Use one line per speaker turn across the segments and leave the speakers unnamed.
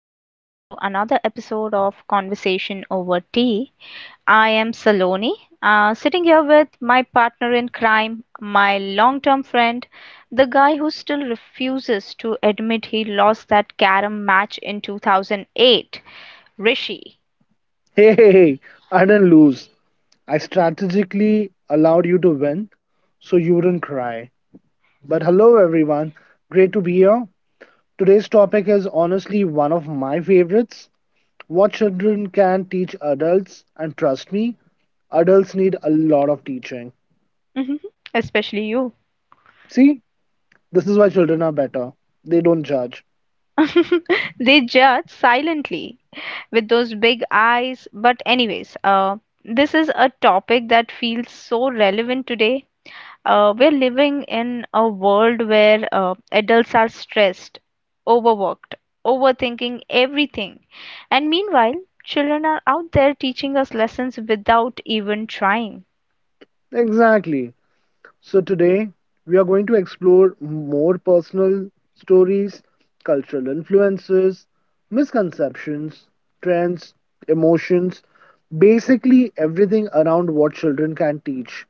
welcome back to another episode of Conversation Over Tea. I am Saloni, sitting here with my partner in crime, my long term friend, the guy who still refuses to admit he lost that carom match in 2008, Rishi.
Hey, hey, hey, I didn't lose. I strategically allowed you to win so you wouldn't cry. But hello, everyone. Great to be here. Today's topic is honestly one of my favorites: what children can teach adults. And trust me, adults need a lot of teaching.
Mhm, especially you.
See, this is why children are better. They don't judge.
They judge silently with those big eyes. But anyways, this is a topic that feels so relevant today. We're living in a world where adults are stressed, overworked, overthinking everything. And meanwhile, children are out there teaching us lessons without even trying.
Exactly. So, today we are going to explore more personal stories, cultural influences, misconceptions, trends, emotions, basically everything around what children can teach.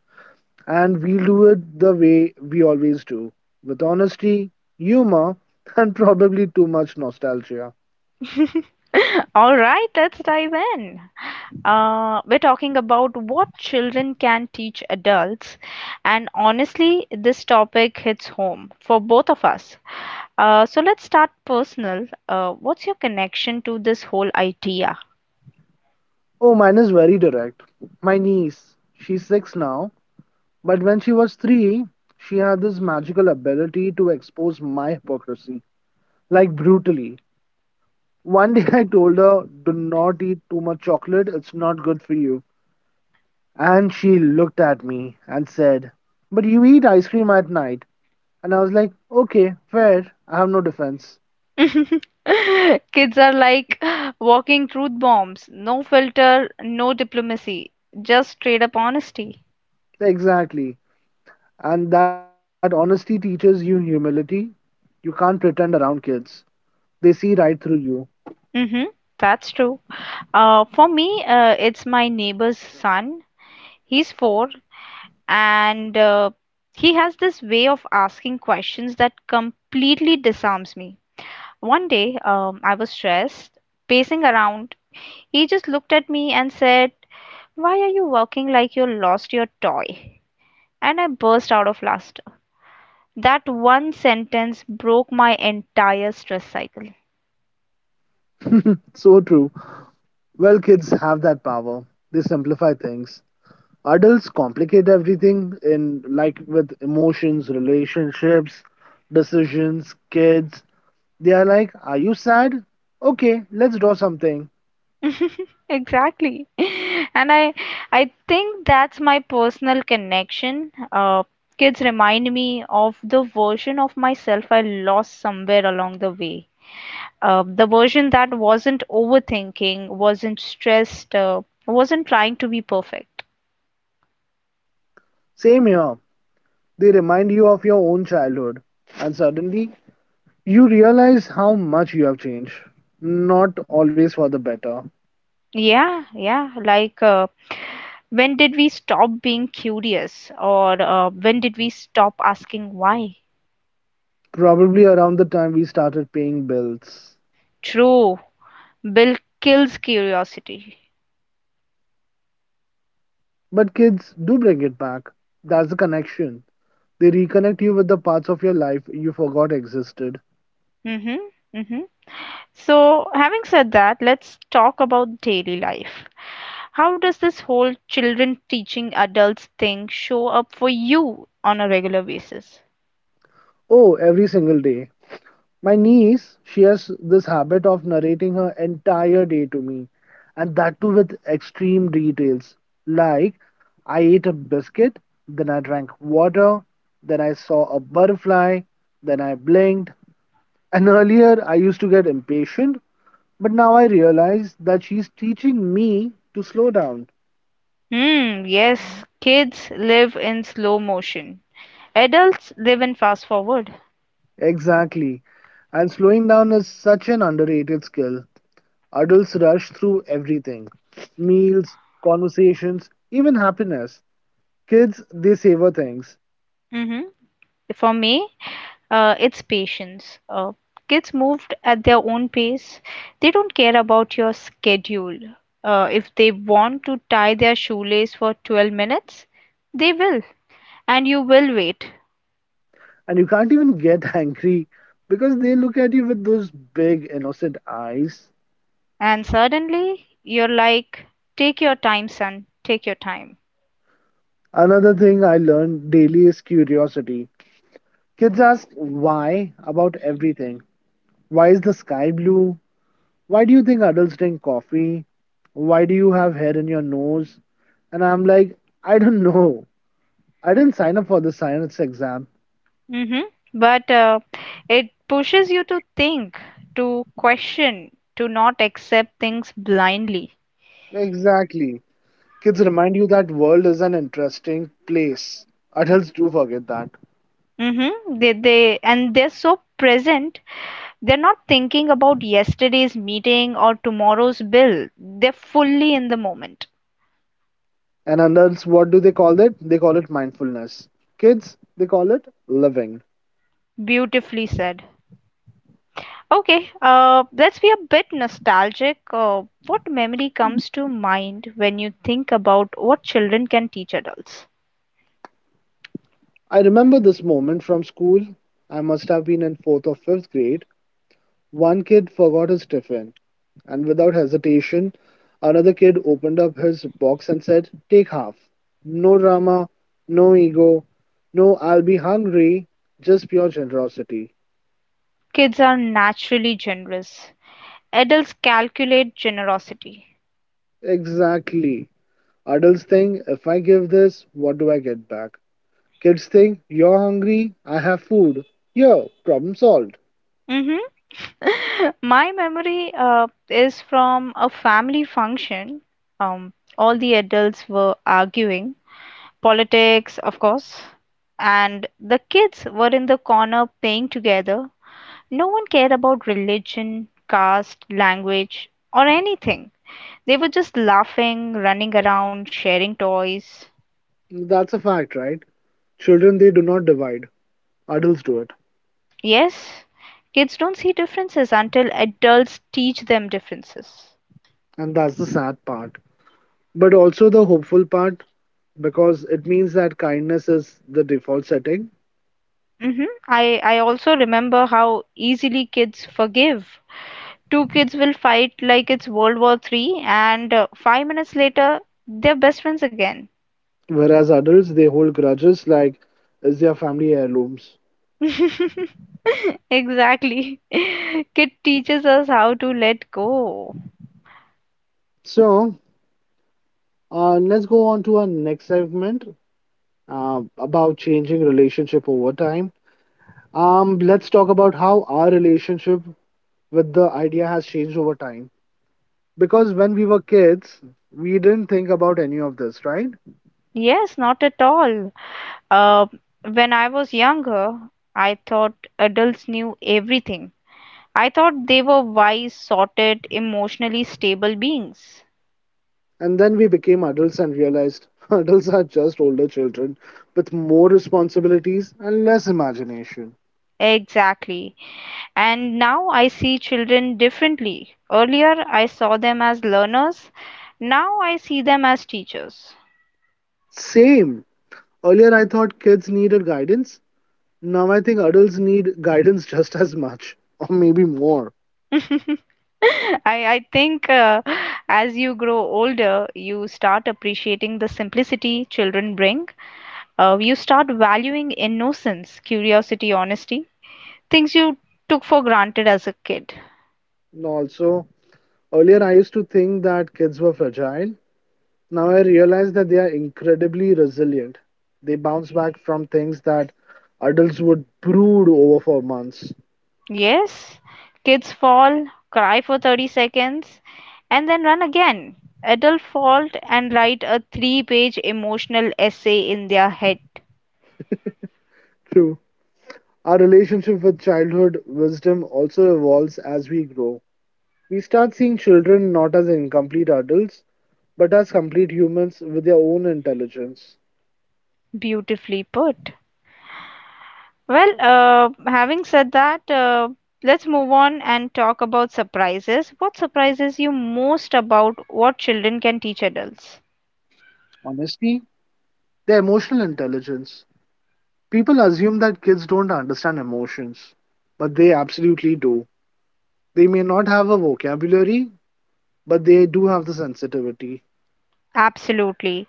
And we'll do it the way we always do with honesty, humor, and probably too much nostalgia.
All right, let's dive in. We're talking about what children can teach adults, and honestly, this topic hits home for both of us. So let's start personal. What's your connection to this whole idea?
Oh, mine is very direct. My niece, she's 6 now, but when she was 3, she had this magical ability to expose my hypocrisy, like, brutally. One day I told her, "Do not eat too much chocolate, it's not good for you." And she looked at me and said, "But you eat ice cream at night." And I was like, "Okay, fair, I have no defense."
Kids are like walking truth bombs. No filter, no diplomacy, just straight up honesty.
Exactly. And that honesty teaches you humility. You can't pretend around kids, they see right through you.
Hmm, that's true. For me, it's my neighbor's son. He's four, and he has this way of asking questions that completely disarms me. One day, I was stressed, pacing around. He just looked at me and said, "Why are you walking like you lost your toy?" And I burst out of laughter. That one sentence broke my entire stress cycle.
So true. Well, kids have that power, they simplify things. Adults complicate everything in, like, with emotions, relationships, decisions. Kids, they are like, "Are you sad? Okay, let's draw something."
Exactly. And I think that's my personal connection. Kids remind me of the version of myself I lost somewhere along the way. The version that wasn't overthinking, wasn't stressed, wasn't trying to be perfect.
Same here. They remind you of your own childhood, and suddenly you realize how much you have changed, not always for the better.
Yeah, yeah. Like, when did we stop being curious? Or when did we stop asking why?
Probably around the time we started paying bills.
True. Bill kills curiosity.
But kids do bring it back. That's the connection. They reconnect you with the parts of your life you forgot existed.
Mm-hmm. Mm-hmm. So, having said that, let's talk about daily life. How does this whole children teaching adults thing show up for you on a regular basis?
Oh, every single day. My niece, she has this habit of narrating her entire day to me, and that too with extreme details. Like, "I ate a biscuit, then I drank water, then I saw a butterfly, then I blinked." And earlier, I used to get impatient, but now I realize that she's teaching me to slow down.
Hmm, yes, kids live in slow motion. Adults live in fast forward.
Exactly. And slowing down is such an underrated skill. Adults rush through everything: meals, conversations, even happiness. Kids, they savor things.
Mm-hmm. For me, it's patience. Kids move at their own pace. They don't care about your schedule. If they want to tie their shoelace for 12 minutes, they will. And you will wait.
And you can't even get angry because they look at you with those big, innocent eyes.
And suddenly, you're like, "Take your time, son, take your time."
Another thing I learn daily is curiosity. Kids ask why about everything. Why is the sky blue? Why do you think adults drink coffee? Why do you have hair in your nose? And I'm like, I don't know. I didn't sign up for the science exam.
Hmm. But it pushes you to think, to question, to not accept things blindly.
Exactly. Kids remind you that world is an interesting place. Adults do forget that.
Mm-hmm. And they're so present. They're not thinking about yesterday's meeting or tomorrow's bill. They're fully in the moment.
And adults, what do they call it? They call it mindfulness. Kids, they call it living.
Beautifully said. Okay, let's be a bit nostalgic. What memory comes to mind when you think about what children can teach adults?
I remember this moment from school. I must have been in fourth or fifth grade. One kid forgot his tiffin, and without hesitation, another kid opened up his box and said, "Take half." No drama, no ego, no "I'll be hungry", just pure generosity.
Kids are naturally generous. Adults calculate generosity.
Exactly. Adults think, "If I give this, what do I get back?" Kids think, "You're hungry, I have food. Yo, problem solved."
Hmm. My memory is from a family function. Um, all the adults were arguing politics, of course. And the kids were in the corner playing together. No one cared about religion, caste, language, or anything. They were just laughing, running around, sharing toys.
That's a fact, right? Children, they do not divide. Adults do it.
Yes, kids don't see differences until adults teach them differences.
And that's the sad part. But also the hopeful part, because it means that kindness is the default setting.
Mm-hmm. I also remember how easily kids forgive. Two kids will fight like it's World War Three, and 5 minutes later, they're best friends again.
Whereas adults, they hold grudges like it's their family heirlooms.
Exactly. Kit teaches us how to let go.
So, let's go on to our next segment about changing relationship over time. Let's talk about how our relationship with the idea has changed over time. Because when we were kids, we didn't think about any of this, right?
Yes, not at all. Uh, when I was younger, I thought adults knew everything. I thought they were wise, sorted, emotionally stable beings.
And then we became adults and realized adults are just older children with more responsibilities and less imagination.
Exactly. And now I see children differently. Earlier, I saw them as learners. Now I see them as teachers.
Same. Earlier, I thought kids needed guidance. Now I think adults need guidance just as much, or maybe more.
I think as you grow older, you start appreciating the simplicity children bring. You start valuing innocence, curiosity, honesty, things you took for granted as a kid.
And also, earlier I used to think that kids were fragile. Now I realize that they are incredibly resilient. They bounce back from things that adults would brood over for months.
Yes, kids fall, cry for 30 seconds, and then run again. Adult fault and write a three-page emotional essay in their head.
True. Our relationship with childhood wisdom also evolves as we grow. We start seeing children not as incomplete adults, but as complete humans with their own intelligence.
Beautifully put. Well, having said that, let's move on and talk about surprises. What surprises you most about what children can teach adults?
Honestly, their emotional intelligence. People assume that kids don't understand emotions, but they absolutely do. They may not have a vocabulary, but they do have the sensitivity.
Absolutely.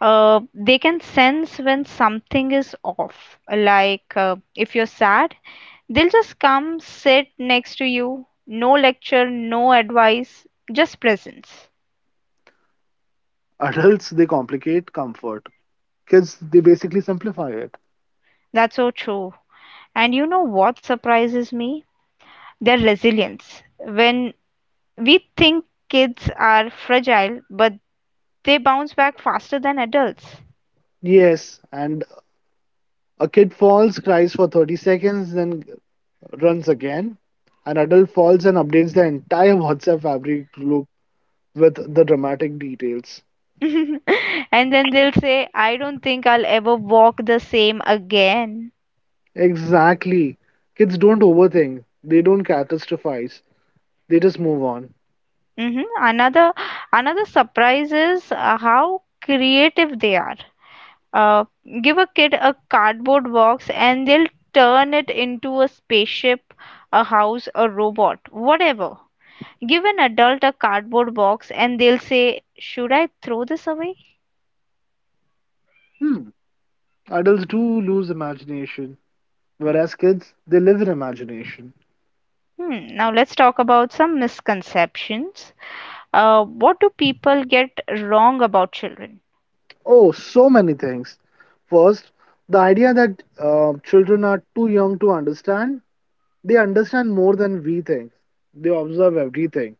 They can sense when something is off. Like if you're sad, they'll just come sit next to you. No lecture, no advice, just presence.
Adults, they complicate comfort. Kids, they basically simplify it.
That's so true. And you know what surprises me? Their resilience. When we think kids are fragile, but they bounce back faster than adults.
Yes, and a kid falls, cries for 30 seconds, then runs again. An adult falls and updates the entire WhatsApp fabric group with the dramatic details.
And then they'll say, "I don't think I'll ever walk the same again."
Exactly. Kids don't overthink, they don't catastrophize, they just move on.
Hmm. Another another surprise is how creative they are. Uh, Give a kid a cardboard box, and they'll turn it into a spaceship, a house, a robot, whatever. Give an adult a cardboard box, and they'll say, "Should I throw this away?"
Hmm. Adults do lose imagination, whereas kids, they live in imagination.
Hmm, now let's talk about some misconceptions. What do people get wrong about children?
Oh, so many things. First, the idea that children are too young to understand, they understand more than we think. They observe everything.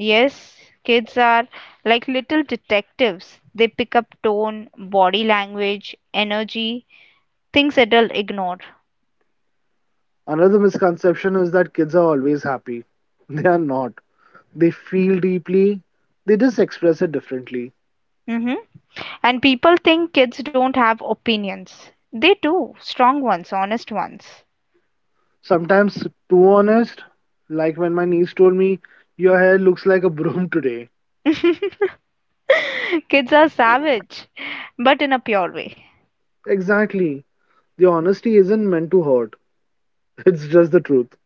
Yes, kids are like little detectives. They pick up tone, body language, energy, things adults ignore.
Another misconception is that kids are always happy. They are not. They feel deeply, they just express it differently.
Hmm. And people think kids don't have opinions. They do, strong ones, honest ones.
Sometimes too honest, like when my niece told me, "Your hair looks like a broom today."
Kids are savage, but in a pure way.
Exactly. The honesty isn't meant to hurt, it's just the truth.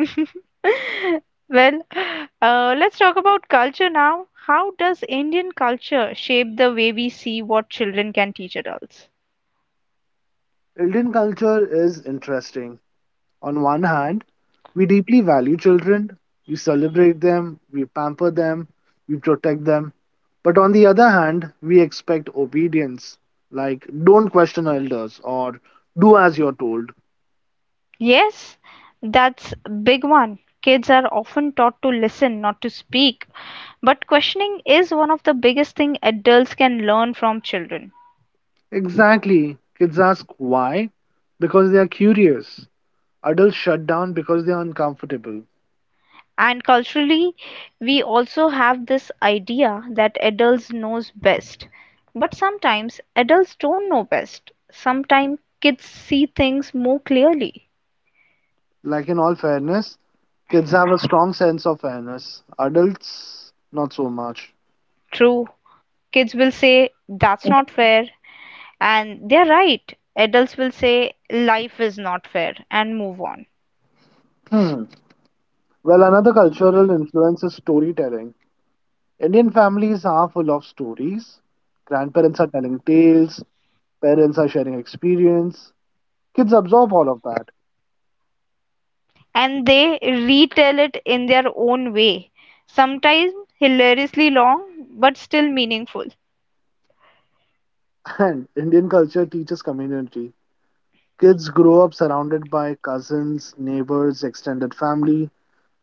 Well, let's talk about culture now. How does Indian culture shape the way we see what children can teach adults?
Indian culture is interesting. On one hand, we deeply value children, we celebrate them, we pamper them, we protect them. But on the other hand, we expect obedience, like, don't question elders or do as you're told.
Yes, that's a big one. Kids are often taught to listen, not to speak, but questioning is one of the biggest thing adults can learn from children.
Exactly. Kids ask why? Because they are curious. Adults shut down because they are uncomfortable.
And culturally, we also have this idea that adults knows best. But sometimes adults don't know best. Sometimes kids see things more clearly.
Like, in all fairness, kids have a strong sense of fairness. Adults, not so much.
True. Kids will say that's not fair and they're right. Adults will say life is not fair and move on.
Hmm. Well, another cultural influence is storytelling. Indian families are full of stories. Grandparents are telling tales, parents are sharing experience. Kids absorb all of that.
And they retell it in their own way. Sometimes hilariously long but still meaningful.
And Indian culture teaches community. Kids grow up surrounded by cousins, neighbors, extended family.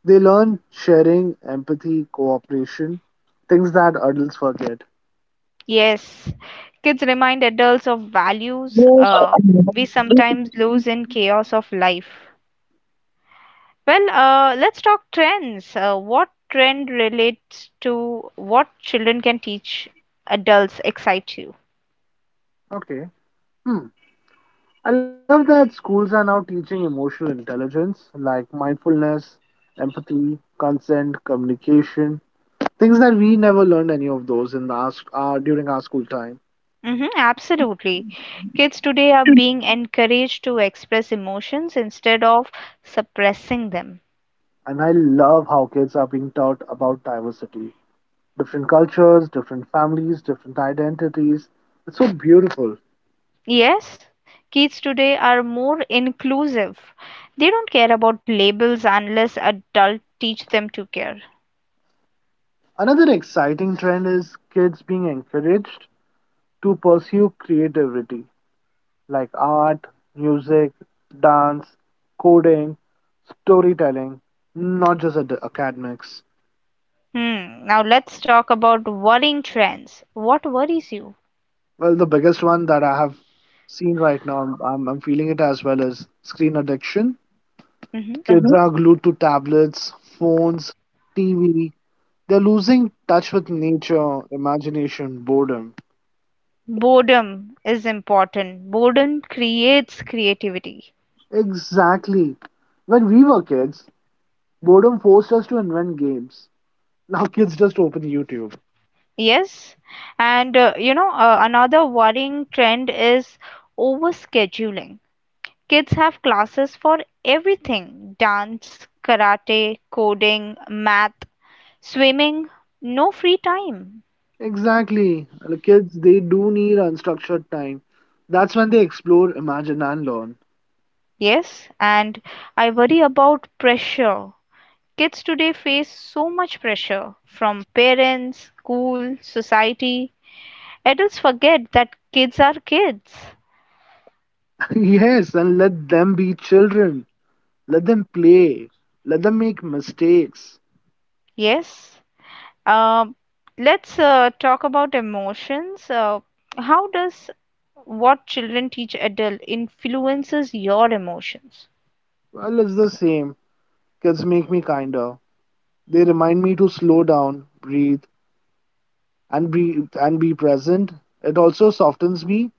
They learn sharing, empathy, cooperation, things that adults forget.
Yes, kids remind adults of values we sometimes lose in chaos of life. Well, let's talk trends. What trend relates to what children can teach adults excite you?
Okay. Hmm. I love that schools are now teaching emotional intelligence, like mindfulness, empathy, consent, communication. Things that we never learned any of those in our during our school time.
Hmm, absolutely. Kids today are being encouraged to express emotions instead of suppressing them.
And I love how kids are being taught about diversity, different cultures, different families, different identities. It's so beautiful.
Yes, kids today are more inclusive. They don't care about labels unless adults teach them to care.
Another exciting trend is kids being encouraged to pursue creativity, like art, music, dance, coding, storytelling, not just academics.
Hmm. Now let's talk about worrying trends. What worries you?
Well, the biggest one that I have seen right now, I'm feeling it as well, is screen addiction.
Hmm.
Kids, mm-hmm, are glued to tablets, phones, TV. They're losing touch with nature, imagination, boredom.
Boredom is important. Boredom creates creativity.
Exactly. When we were kids, boredom forced us to invent games. Now kids just open YouTube.
Yes, and another worrying trend is overscheduling. Kids have classes for everything: dance, karate, coding, math, swimming, no free time.
Exactly. The kids, they do need unstructured time. That's when they explore, imagine, and learn.
Yes, and I worry about pressure. Kids today face so much pressure from parents, school, society. Adults forget that kids are kids.
Yes, and let them be children. Let them play. Let them make mistakes.
Yes. Um let's talk about emotions. How does what children teach adult influences your emotions?
Well, it's the same. Kids make me kinder. They remind me to slow down, breathe, and be and be present. It also softens me.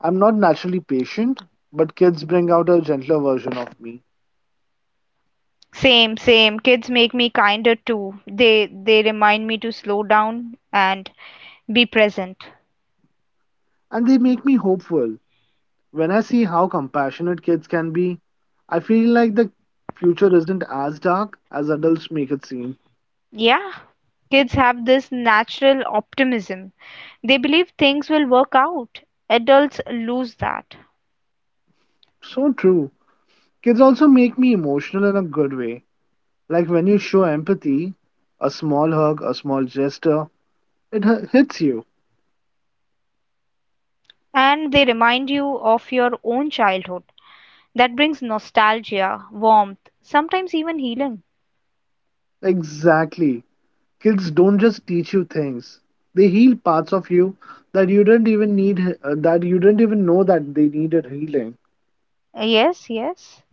I'm not naturally patient, but kids bring out a gentler version of me,
Same, same. Kids make me kinder too. They remind me to slow down and be present.
and they make me hopeful. When I see how compassionate kids can be, I feel like the future isn't as dark as adults make it seem.
Yeah, kids have this natural optimism. They believe things will work out. Adults lose that.
So true. Kids also make me emotional in a good way, like when you show empathy, a small hug, a small gesture, it hits you.
And they remind you of your own childhood. That brings nostalgia, warmth, sometimes even healing.
Exactly. Kids don't just teach you things. They heal parts of you that you didn't even need that you didn't even know that they needed healing.
Yes, yes.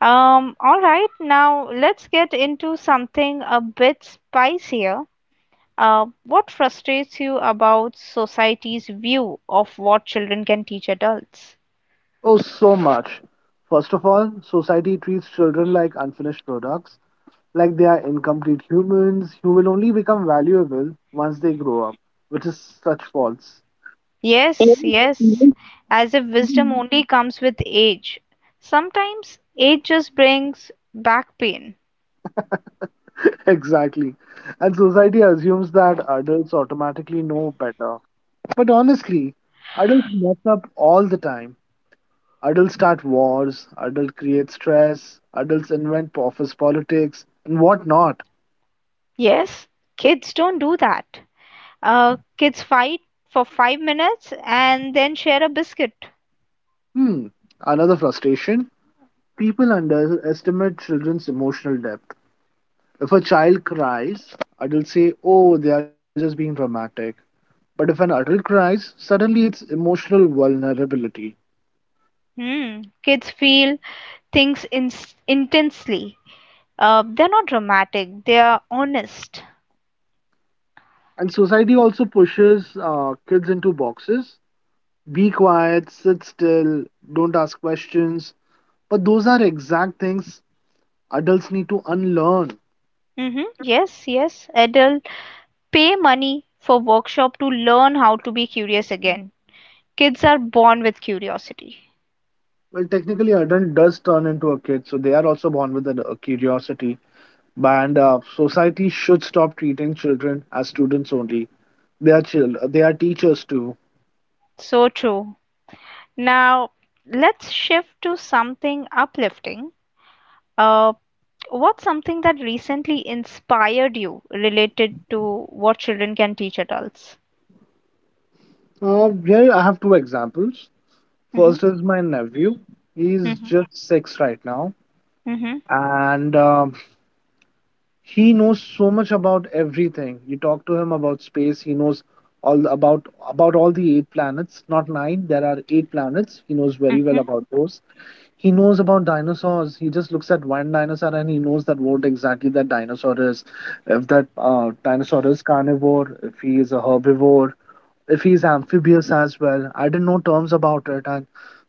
All right, now let's get into something a bit spicier. What frustrates you about society's view of what children can teach adults?
Oh, so much. First of all, society treats children like unfinished products, like they are incomplete humans who will only become valuable once they grow up, which is such false.
Yes, yes, as if wisdom only comes with age. Sometimes age just brings back pain.
Exactly. And society assumes that adults automatically know better. But honestly, adults mess up all the time. Adults start wars, adults create stress, adults invent office politics, and whatnot.
Yes, kids don't do that. Kids fight for 5 minutes and then share a biscuit.
Hmm, another frustration. People underestimate children's emotional depth. If a child cries, adults say, "Oh, they are just being dramatic." But if an adult cries, suddenly it's emotional vulnerability.
Hmm, kids feel things intensely. They're not dramatic, they're honest.
And society also pushes kids into boxes. Be quiet, sit still, don't ask questions. But those are exact things adults need to unlearn.
Mm-hmm. Yes, yes, adult pay money for workshop to learn how to be curious again. Kids are born with curiosity.
Well, technically, adult does turn into a kid, so they are also born with a curiosity. And society should stop treating children as students only. They are they are teachers too.
So true. Now, let's shift to something uplifting. Uh, what's something that recently inspired you related to what children can teach adults?
Here I have two examples.
Hmm.
First is my nephew. He's just 6 right now,
Hmm.
and he knows so much about everything. You talk to him about space, he knows all the- about all the eight planets, not nine. There are eight planets. He knows very well
Hmm.
about those. He knows about dinosaurs. He just looks at one dinosaur and he knows that what exactly that dinosaur is. If that dinosaur is carnivore, if he is a herbivore, if he is amphibious as well. I didn't know terms about it, and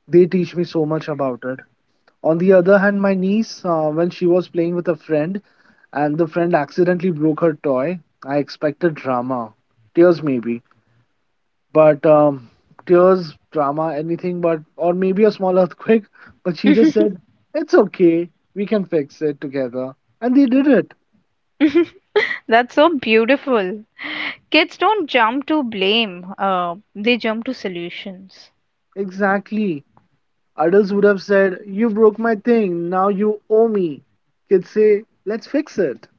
they teach me so much about it. On the other hand, my niece, when she was playing with a friend and the friend accidentally broke her toy, I expected drama. Tears, maybe. But Tears, drama, anything but, or maybe a small earthquake. But she just
Hmm.
said, "It's okay. We can fix it together." And they did it.
That's so beautiful. Kids don't jump to blame, they jump to solutions.
Exactly. Adults would have said, "You broke my thing. Now you owe me." Kids say, "Let's fix it."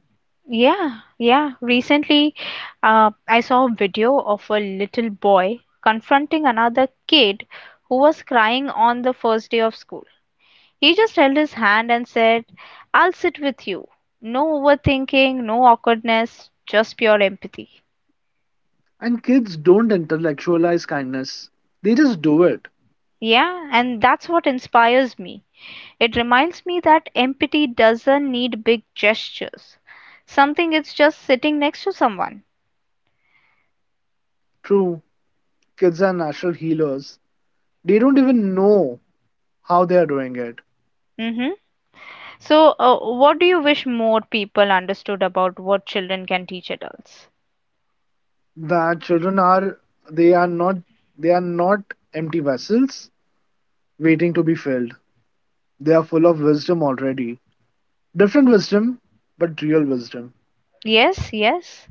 Yeah, yeah. Recently, I saw a video of a little boy confronting another kid who was crying on the first day of school. He just held his hand and said, "I'll sit with you." No overthinking, no awkwardness, just pure empathy.
And kids don't intellectualize kindness, they just do it.
Yeah, and that's what inspires me. It reminds me that empathy doesn't need big gestures. Something it's just sitting next to someone.
True. Kids are natural healers. They don't even know how they are doing it.
Mm-hmm. So, what do you wish more people understood about what children can teach adults?
That children are, they are not they are not empty vessels waiting to be filled. They are full of wisdom already. Different wisdom, but real wisdom.
Yes, yes.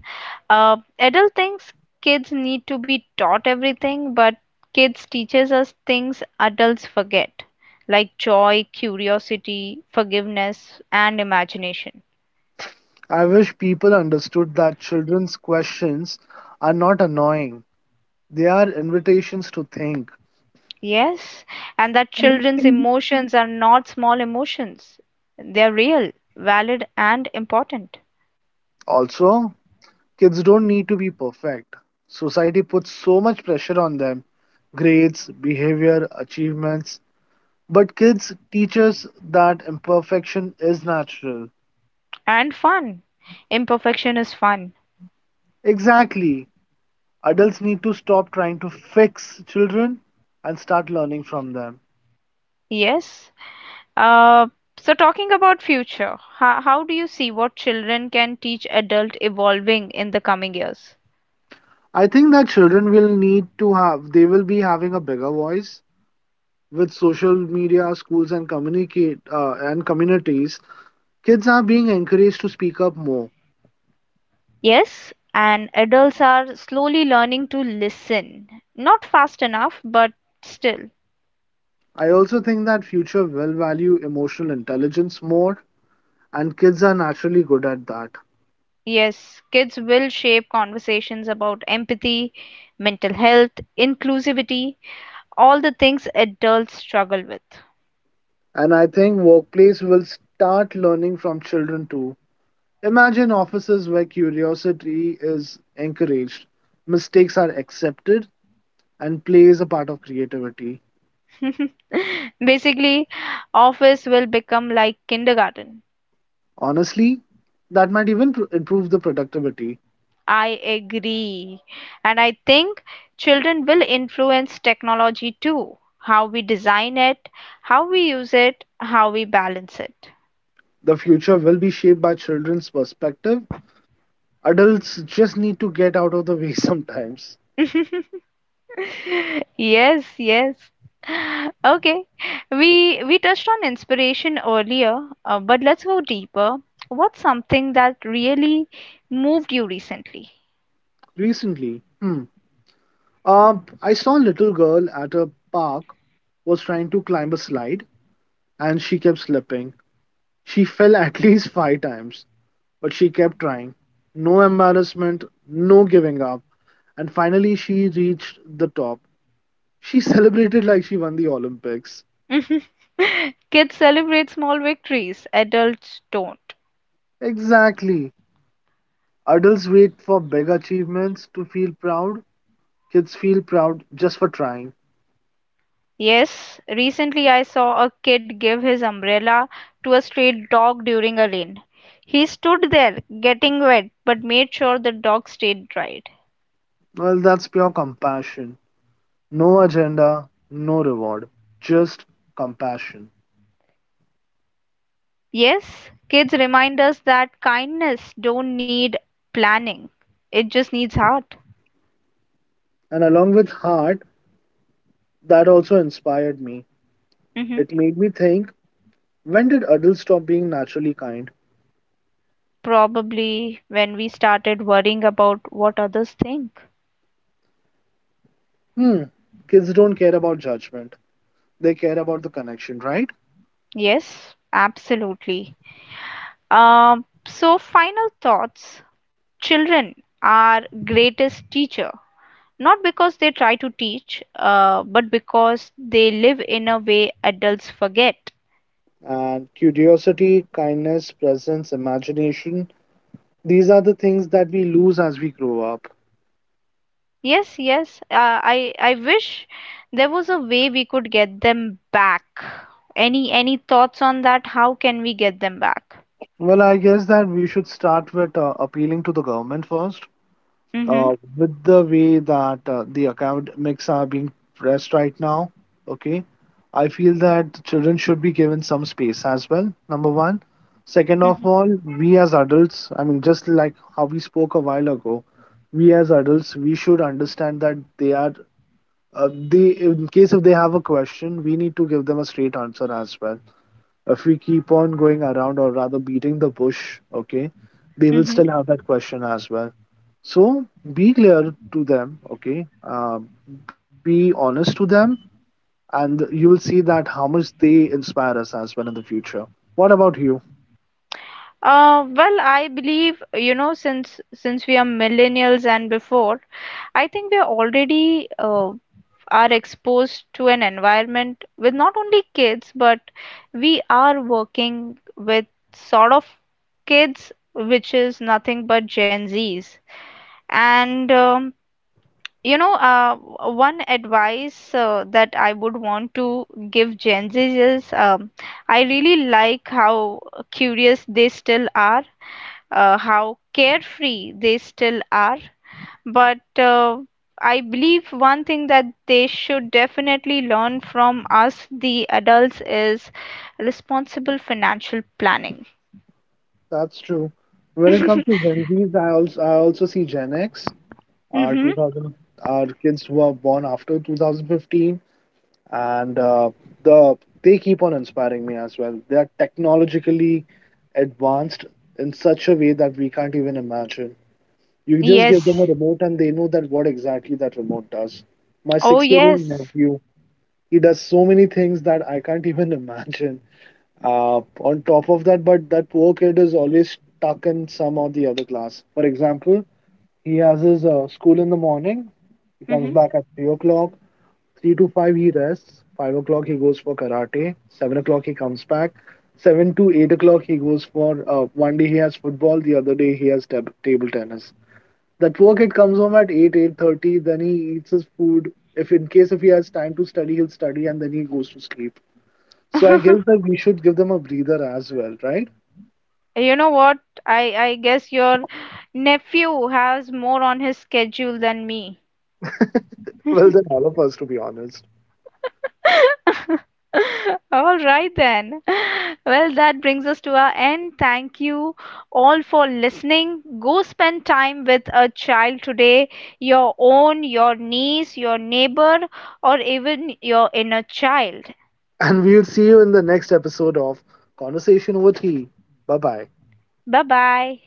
Adult thinks kids need to be taught everything, but kids teaches us things adults forget, like joy, curiosity, forgiveness, and imagination.
I wish people understood that children's questions are not annoying. They are invitations to think.
Yes, and that children's emotions are not small emotions. They are real, valid, and important,
Also, kids don't need to be perfect. Society puts so much pressure on them: grades, behavior, achievements. But kids teach us that imperfection is natural.
and fun. Imperfection is fun.
Exactly. Adults need to stop trying to fix children and start learning from them.
Yes. Uh, so talking about future, how do you see what children can teach adult evolving in the coming years?
I think that children will need to have, they will be having a bigger voice with social media, schools, and communities. Kids are being encouraged to speak up more.
Yes, and adults are slowly learning to listen. Not fast enough, but still.
I also think that future will value emotional intelligence more, and kids are naturally good at that.
Yes, kids will shape conversations about empathy, mental health, inclusivity, all the things adults struggle with.
And I think workplace will start learning from children too. Imagine offices where curiosity is encouraged, mistakes are accepted, and play is a part of creativity.
Basically, office will become like kindergarten.
Honestly, that might even improve the productivity.
I agree. And I think children will influence technology too. How we design it, how we use it, how we balance it.
The future will be shaped by children's perspective. Adults just need to get out of the way sometimes.
Yes, yes. Okay. We touched on inspiration earlier, but let's go deeper. What's something that really moved you recently?
Recently, Uh, I saw a little girl at a park was trying to climb a slide, and she kept slipping. She fell at least 5 times, but she kept trying. No embarrassment, no giving up. And finally, she reached the top. She celebrated like she won the Olympics.
Kids celebrate small victories, adults don't.
Exactly. Adults wait for big achievements to feel proud. Kids feel proud just for trying.
Yes, recently I saw a kid give his umbrella to a street dog during a rain. He stood there, getting wet, but made sure the dog stayed dry.
Well, that's pure compassion. No agenda, no reward, just compassion.
Yes, kids remind us that kindness don't need planning. It just needs heart.
And along with heart, that also inspired me.
Hmm.
It made me think, when did adults stop being naturally kind?
Probably when we started worrying about what others think.
Hmm, kids don't care about judgment, they care about the connection, right?
Yes, absolutely. So final thoughts. Children are greatest teacher. Not because they try to teach, but because they live in a way adults forget.
And curiosity, kindness, presence, imagination, these are the things that we lose as we grow up.
Yes, yes. I wish there was a way we could get them back. Any thoughts on that? How can we get them back?
Well, I guess that we should start with appealing to the government first.
Mm-hmm.
With the way that the academics are being pressed right now, okay, I feel that children should be given some space as well, number one. Second of
Mm-hmm.
all, we as adults, I mean, just like how we spoke a while ago, we as adults, we should understand that in case if they have a question, we need to give them a straight answer as well. If we keep on going around or rather beating the bush, okay, they will
Mm-hmm.
still have that question as well. So be clear to them, okay? Be honest to them, and you will see that how much they inspire us as well in the future. What about you?
Well, I believe, you know, since we are millennials and before, I think we're already are exposed to an environment with not only kids but we are working with sort of kids which is nothing but Gen Zs and you know uh, one advice that I would want to give Gen Zs is I really like how curious they still are, how carefree they still are, but I believe one thing that they should definitely learn from us, the adults, is responsible financial planning.
That's true. When it comes to Gen Zs, I also see Gen X, our
Mm-hmm.
2000, our kids who are born after 2015, and the they keep on inspiring me as well. They are technologically advanced in such a way that we can't even imagine. You just give them a
Yes.
remote and they know that what exactly that remote does. My
Oh,
6-year-old
yes.
nephew, he does so many things that I can't even imagine. On top of that, but that poor kid is always stuck in some or the other class. For example, he has his school in the morning. He comes
Mm-hmm.
back at 3 o'clock. 3 to 5 he rests. 5 o'clock he goes for karate. 7 o'clock he comes back. 7 to 8 o'clock he goes for one day he has football, the other day he has table tennis. That poor kid comes home at 8, 8:30, then he eats his food. If in case if he has time to study, he'll study and then he goes to sleep. So I guess that we should give them a breather as well, right?
You know what? I guess your nephew has more on his schedule than me.
Well, then all of us, to be honest.
All right, then. Well, that brings us to our end. Thank you all for listening. Go spend time with a child today, your own, your niece, your neighbor, or even your inner child.
And we'll see you in the next episode of Conversation Over Tea. Bye bye.
Bye bye.